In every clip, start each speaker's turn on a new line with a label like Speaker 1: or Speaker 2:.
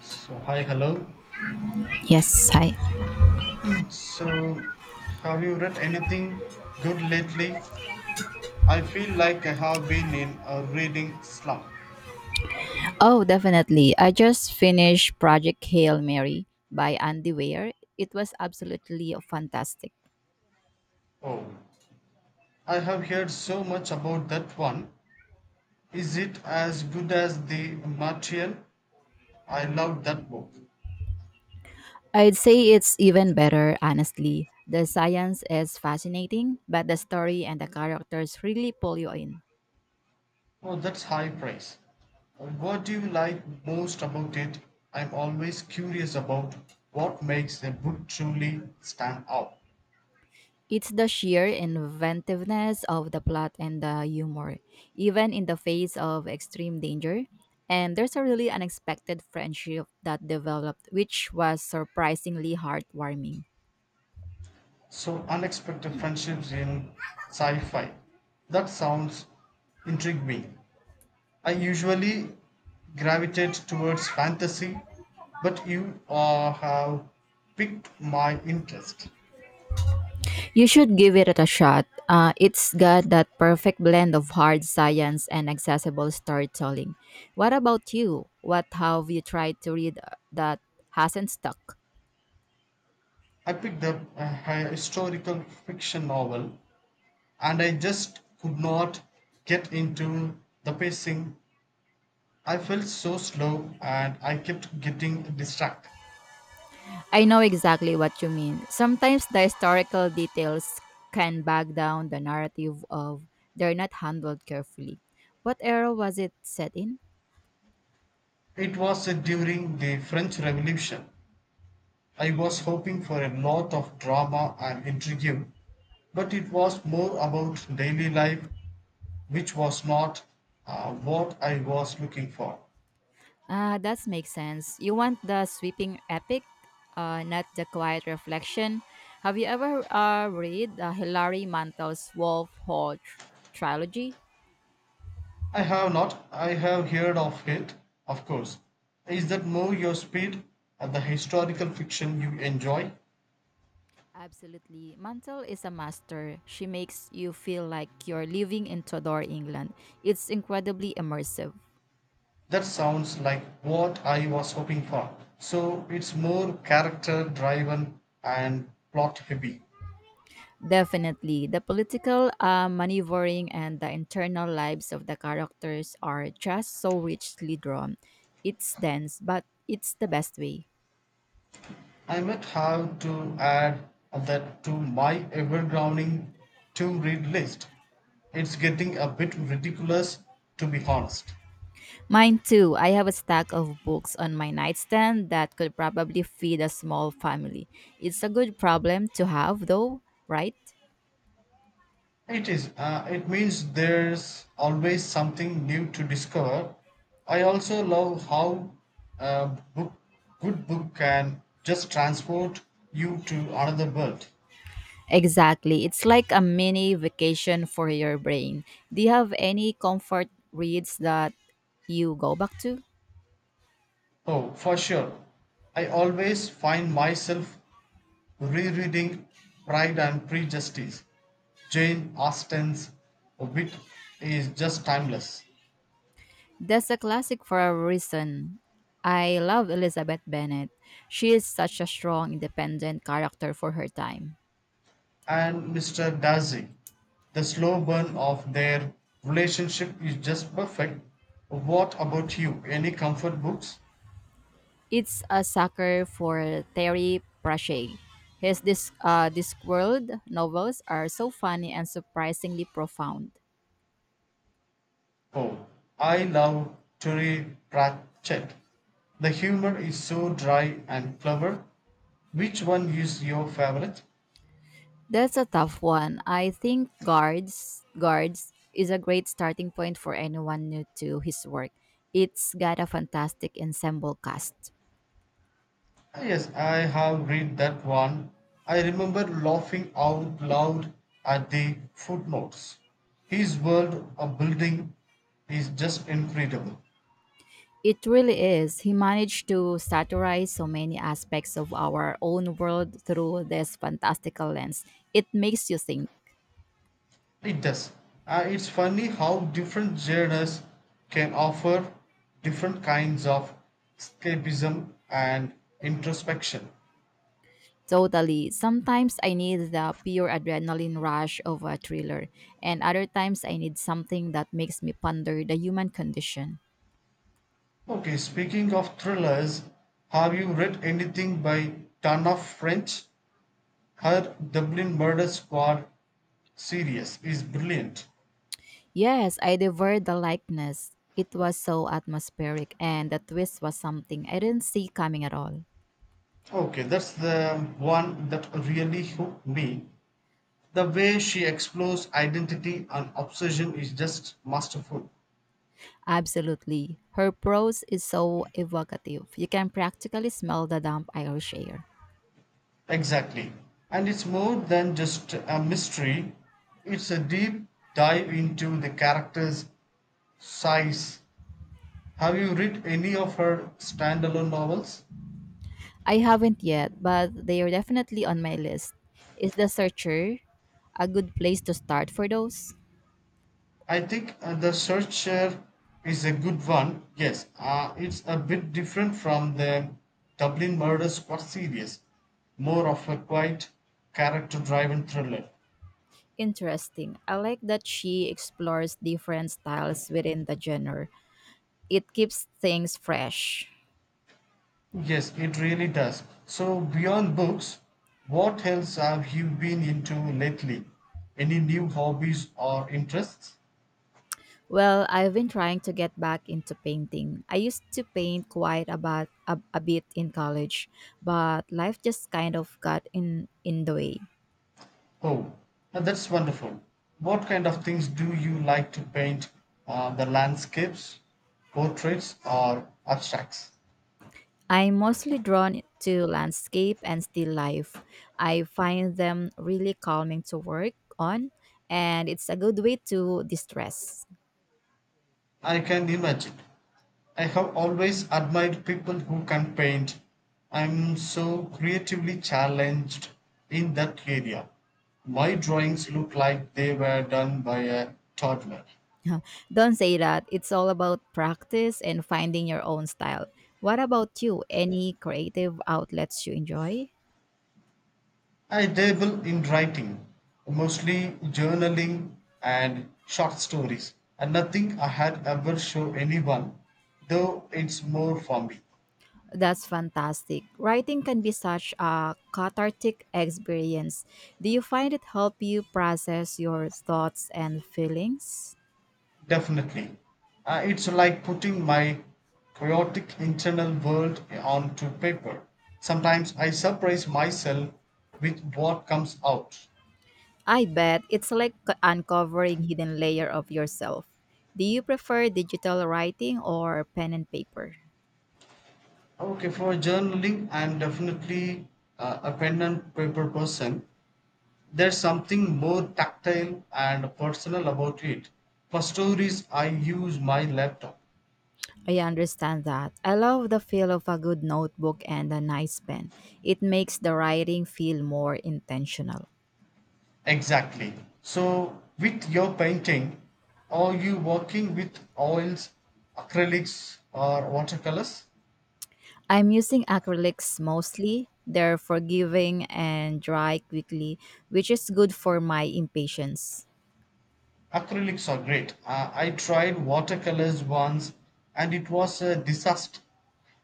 Speaker 1: So, hi, hello.
Speaker 2: Yes, hi.
Speaker 1: So, have you read anything good lately? I feel like I have been in a reading slump.
Speaker 2: Oh, definitely. I just finished Project Hail Mary by Andy Weir. It was absolutely fantastic.
Speaker 1: Oh, I have heard so much about that one. Is it as good as The Martian? I love that book.
Speaker 2: I'd say it's even better, honestly. The science is fascinating, but the story and the characters really pull you in.
Speaker 1: Oh, that's high praise. What do you like most about it? I'm always curious about what makes a book truly stand out.
Speaker 2: It's the sheer inventiveness of the plot and the humor, even in the face of extreme danger. And there's a really unexpected friendship that developed, which was surprisingly heartwarming.
Speaker 1: So unexpected friendships in sci-fi. That sounds intriguing. I usually gravitate towards fantasy, but you have piqued my interest.
Speaker 2: You should give it a shot. It's got that perfect blend of hard science and accessible storytelling. What about you? What have you tried to read that hasn't stuck?
Speaker 1: I picked up a historical fiction novel, and I just could not get into the pacing. I felt so slow, and I kept getting distracted.
Speaker 2: I know exactly what you mean. Sometimes the historical details can bog down the narrative of they're not handled carefully. What era was it set in?
Speaker 1: It was during the French Revolution. I was hoping for a lot of drama and intrigue, but it was more about daily life, which was not what I was looking for.
Speaker 2: Ah, that makes sense. You want the sweeping epic, not the quiet reflection. Have you ever read Hilary Mantel's Wolf Hall trilogy?
Speaker 1: I have not, I have heard of it, of course. Is that more your speed and the historical fiction you enjoy?
Speaker 2: Absolutely. Mantel is a master. She makes you feel like you're living in Tudor England. It's incredibly immersive.
Speaker 1: That sounds like what I was hoping for. So it's more character driven and plot heavy.
Speaker 2: Definitely. The political maneuvering and the internal lives of the characters are just so richly drawn. It's dense, but it's the best way.
Speaker 1: I might have to add that to my ever growing to read list. It's getting a bit ridiculous, to be honest.
Speaker 2: Mine too. I have a stack of books on my nightstand that could probably feed a small family. It's a good problem to have, though, right?
Speaker 1: It is. It means there's always something new to discover. I also love how a book, good book can just transport you to another world.
Speaker 2: Exactly. It's like a mini vacation for your brain. Do you have any comfort reads that you go back to?
Speaker 1: Oh, for sure. I always find myself rereading Pride and Prejudice. Jane Austen's wit is just timeless,
Speaker 2: That's a classic for a reason. I love Elizabeth Bennet. She is such a strong, independent character for her time.
Speaker 1: and Mr. Darcy, the slow burn of their relationship is just perfect. What about you? Any comfort books?
Speaker 2: It's a sucker for Terry Pratchett. His Discworld novels are so funny and surprisingly profound.
Speaker 1: Oh, I love Terry Pratchett. The humor is so dry and clever. Which one is your favorite?
Speaker 2: That's a tough one. I think Guards Guards is a great starting point for anyone new to his work. It's got a fantastic ensemble cast.
Speaker 1: Yes, I have read that one. I remember laughing out loud at the footnotes. His world of building is just incredible.
Speaker 2: It really is. He managed to satirize so many aspects of our own world through this fantastical lens. It makes you think.
Speaker 1: It does. It's funny how different genres can offer different kinds of escapism and introspection.
Speaker 2: Totally. Sometimes I need the pure adrenaline rush of a thriller, and other times I need something that makes me ponder the human condition.
Speaker 1: Okay, speaking of thrillers, have you read anything by Tana French? Her Dublin Murder Squad series is brilliant.
Speaker 2: Yes, I devoured the likeness. It was so atmospheric, and the twist was something I didn't see coming at all.
Speaker 1: Okay, that's the one that really hooked me. The way she explores identity and obsession is just masterful.
Speaker 2: Absolutely. Her prose is so evocative. You can practically smell the damp Irish air.
Speaker 1: Exactly. And it's more than just a mystery, it's a deep dive into the character's size. Have you read any of her standalone novels?
Speaker 2: I haven't yet, but they are definitely on my list. Is The Searcher a good place to start for those?
Speaker 1: I think the searcher is a good one. Yes, it's a bit different from the Dublin Murder Squad series, more of a quiet, character-driven thriller.
Speaker 2: Interesting. I like that she explores different styles within the genre. It keeps things fresh.
Speaker 1: Yes, it really does. So beyond books, what else have you been into lately? Any new hobbies or interests?
Speaker 2: Well, I've been trying to get back into painting. I used to paint quite a bit in college, but life just kind of got in the way.
Speaker 1: Oh, now that's wonderful. What kind of things do you like to paint? The landscapes, portraits, or abstracts?
Speaker 2: I'm mostly drawn to landscape and still life. I find them really calming to work on, and it's a good way to distress.
Speaker 1: I can imagine. I have always admired people who can paint. I'm so creatively challenged in that area. My drawings look like they were done by a toddler.
Speaker 2: Don't say that. It's all about practice and finding your own style. What about you? Any creative outlets you enjoy?
Speaker 1: I dabble in writing, mostly journaling and short stories, and nothing I had ever show anyone, though it's more for me.
Speaker 2: That's fantastic. Writing can be such a cathartic experience. Do you find it help you process your thoughts and feelings?
Speaker 1: Definitely. It's like putting my chaotic internal world onto paper. Sometimes I surprise myself with what comes out.
Speaker 2: I bet it's like uncovering hidden layer of yourself. Do you prefer digital writing or pen and paper?
Speaker 1: Okay, for journaling, I'm definitely a pen and paper person. There's something more tactile and personal about it. For stories, I use my laptop.
Speaker 2: I understand that. I love the feel of a good notebook and a nice pen. It makes the writing feel more intentional.
Speaker 1: Exactly. So, with your painting, are you working with oils, acrylics, or watercolors?
Speaker 2: I'm using acrylics mostly. They're forgiving and dry quickly, which is good for my impatience.
Speaker 1: Acrylics are great. I tried watercolors once and it was a disaster.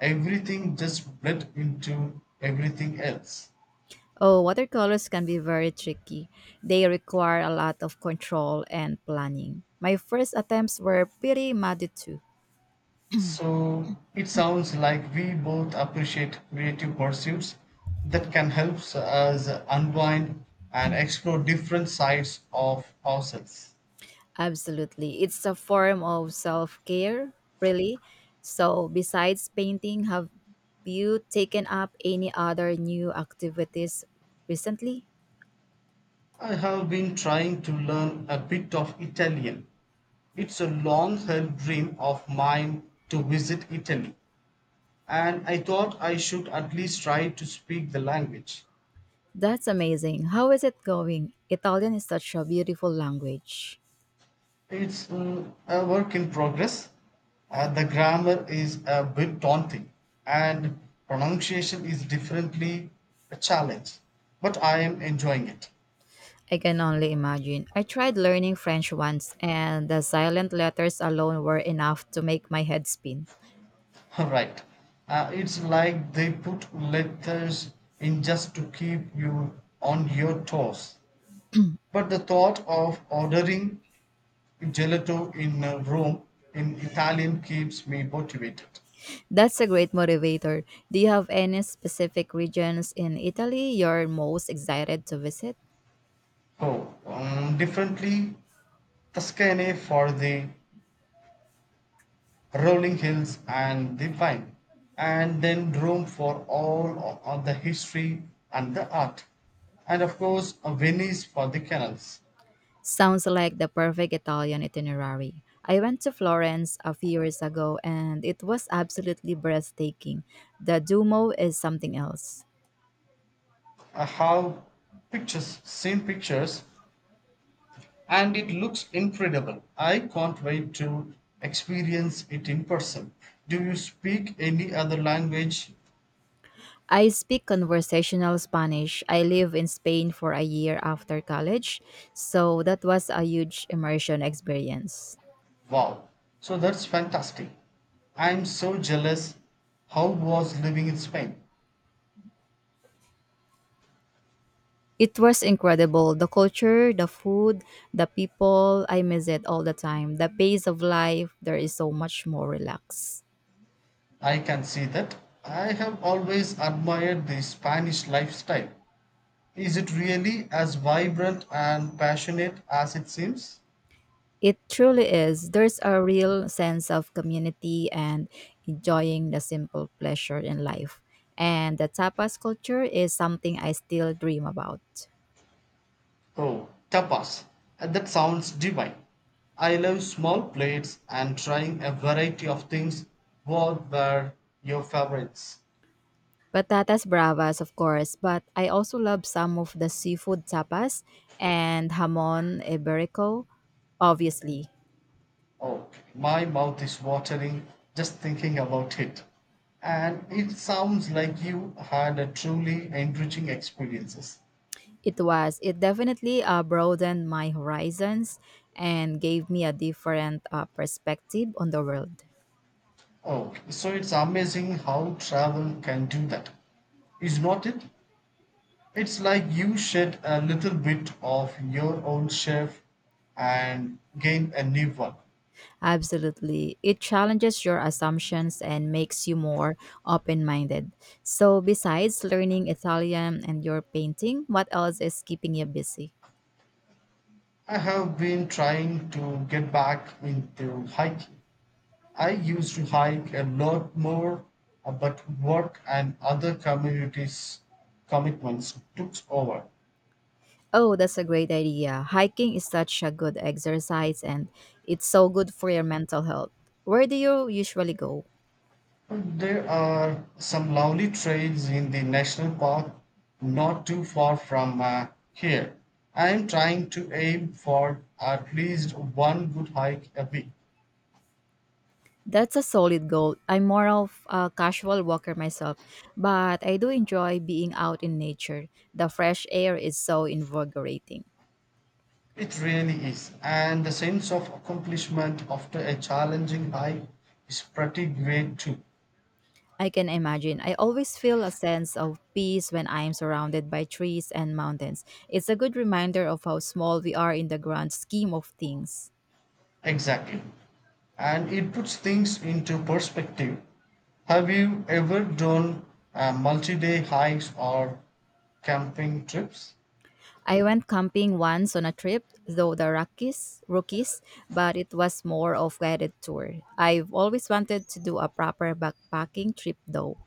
Speaker 1: Everything just bled into everything else.
Speaker 2: Oh, watercolors can be very tricky. They require a lot of control and planning. My first attempts were pretty muddy too.
Speaker 1: So, it sounds like we both appreciate creative pursuits that can help us unwind and explore different sides of ourselves.
Speaker 2: Absolutely. It's a form of self care, really. So, besides painting, have you taken up any other new activities recently?
Speaker 1: I have been trying to learn a bit of Italian. It's a long held dream of mine to visit Italy, and I thought I should at least try to speak the language.
Speaker 2: That's amazing. How is it going? Italian is such a beautiful language.
Speaker 1: It's a work in progress. The grammar is a bit daunting, and pronunciation is definitely a challenge, but I am enjoying it.
Speaker 2: I can only imagine. I tried learning French once, and the silent letters alone were enough to make my head spin.
Speaker 1: Right. It's like they put letters in just to keep you on your toes. But the thought of ordering gelato in a Rome in Italian keeps me motivated.
Speaker 2: That's a great motivator. Do you have any specific regions in Italy you're most excited to visit?
Speaker 1: Oh, differently, Tuscany for the rolling hills and the wine, and then Rome for all of the history and the art, and of course, Venice for the canals.
Speaker 2: Sounds like the perfect Italian itinerary. I went to Florence a few years ago, and it was absolutely breathtaking. The Duomo is something else.
Speaker 1: I have seen pictures, and it looks incredible. I can't wait to experience it in person. Do you speak any other language?
Speaker 2: I speak conversational Spanish. I lived in Spain for a year after college, so that was a huge immersion experience.
Speaker 1: Wow. So that's fantastic. I'm so jealous. How was living in Spain?
Speaker 2: It was incredible. The culture, the food, the people, I miss it all the time. The pace of life, there is so much more relaxed.
Speaker 1: I can see that. I have always admired the Spanish lifestyle. Is it really as vibrant and passionate as it seems?
Speaker 2: It truly is. There's a real sense of community and enjoying the simple pleasure in life. And the tapas culture is something I still dream about.
Speaker 1: Oh, tapas. That sounds divine. I love small plates and trying a variety of things. What were your favorites?
Speaker 2: Patatas bravas, of course, but I also love some of the seafood tapas and jamon iberico, obviously.
Speaker 1: Oh, my mouth is watering just thinking about it. And it sounds like you had a truly enriching experiences.
Speaker 2: It definitely broadened my horizons and gave me a different perspective on the world.
Speaker 1: Oh, so it's amazing how travel can do that. Is not it? It's like you shed a little bit of your old self and gain a new one.
Speaker 2: Absolutely. It challenges your assumptions and makes you more open minded. So, besides learning Italian and your painting, what else is keeping you busy?
Speaker 1: I have been trying to get back into hiking. I used to hike a lot more, but work and other communities commitments took over.
Speaker 2: Oh, that's a great idea. Hiking is such a good exercise and it's so good for your mental health. Where do you usually go?
Speaker 1: There are some lovely trails in the national park not too far from here. I am trying to aim for at least one good hike a week.
Speaker 2: That's a solid goal. I'm more of a casual walker myself, but I do enjoy being out in nature. The fresh air is so invigorating.
Speaker 1: It really is, and the sense of accomplishment after a challenging hike is pretty great too.
Speaker 2: I can imagine. I always feel a sense of peace when I am surrounded by trees and mountains. It's a good reminder of how small we are in the grand scheme of things.
Speaker 1: Exactly. And it puts things into perspective. Have you ever done multi day hikes or camping trips?
Speaker 2: I went camping once on a trip, though the Rockies, but it was more of guided tour. I've always wanted to do a proper backpacking trip though.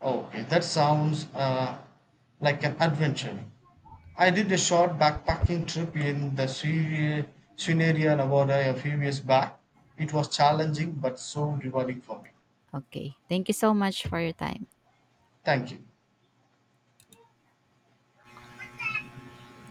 Speaker 1: Okay, that sounds like an adventure. I did a short backpacking trip in the Sri Nevada a few years back. It was challenging but so rewarding for me.
Speaker 2: Okay. Thank you so much for your time.
Speaker 1: Thank you.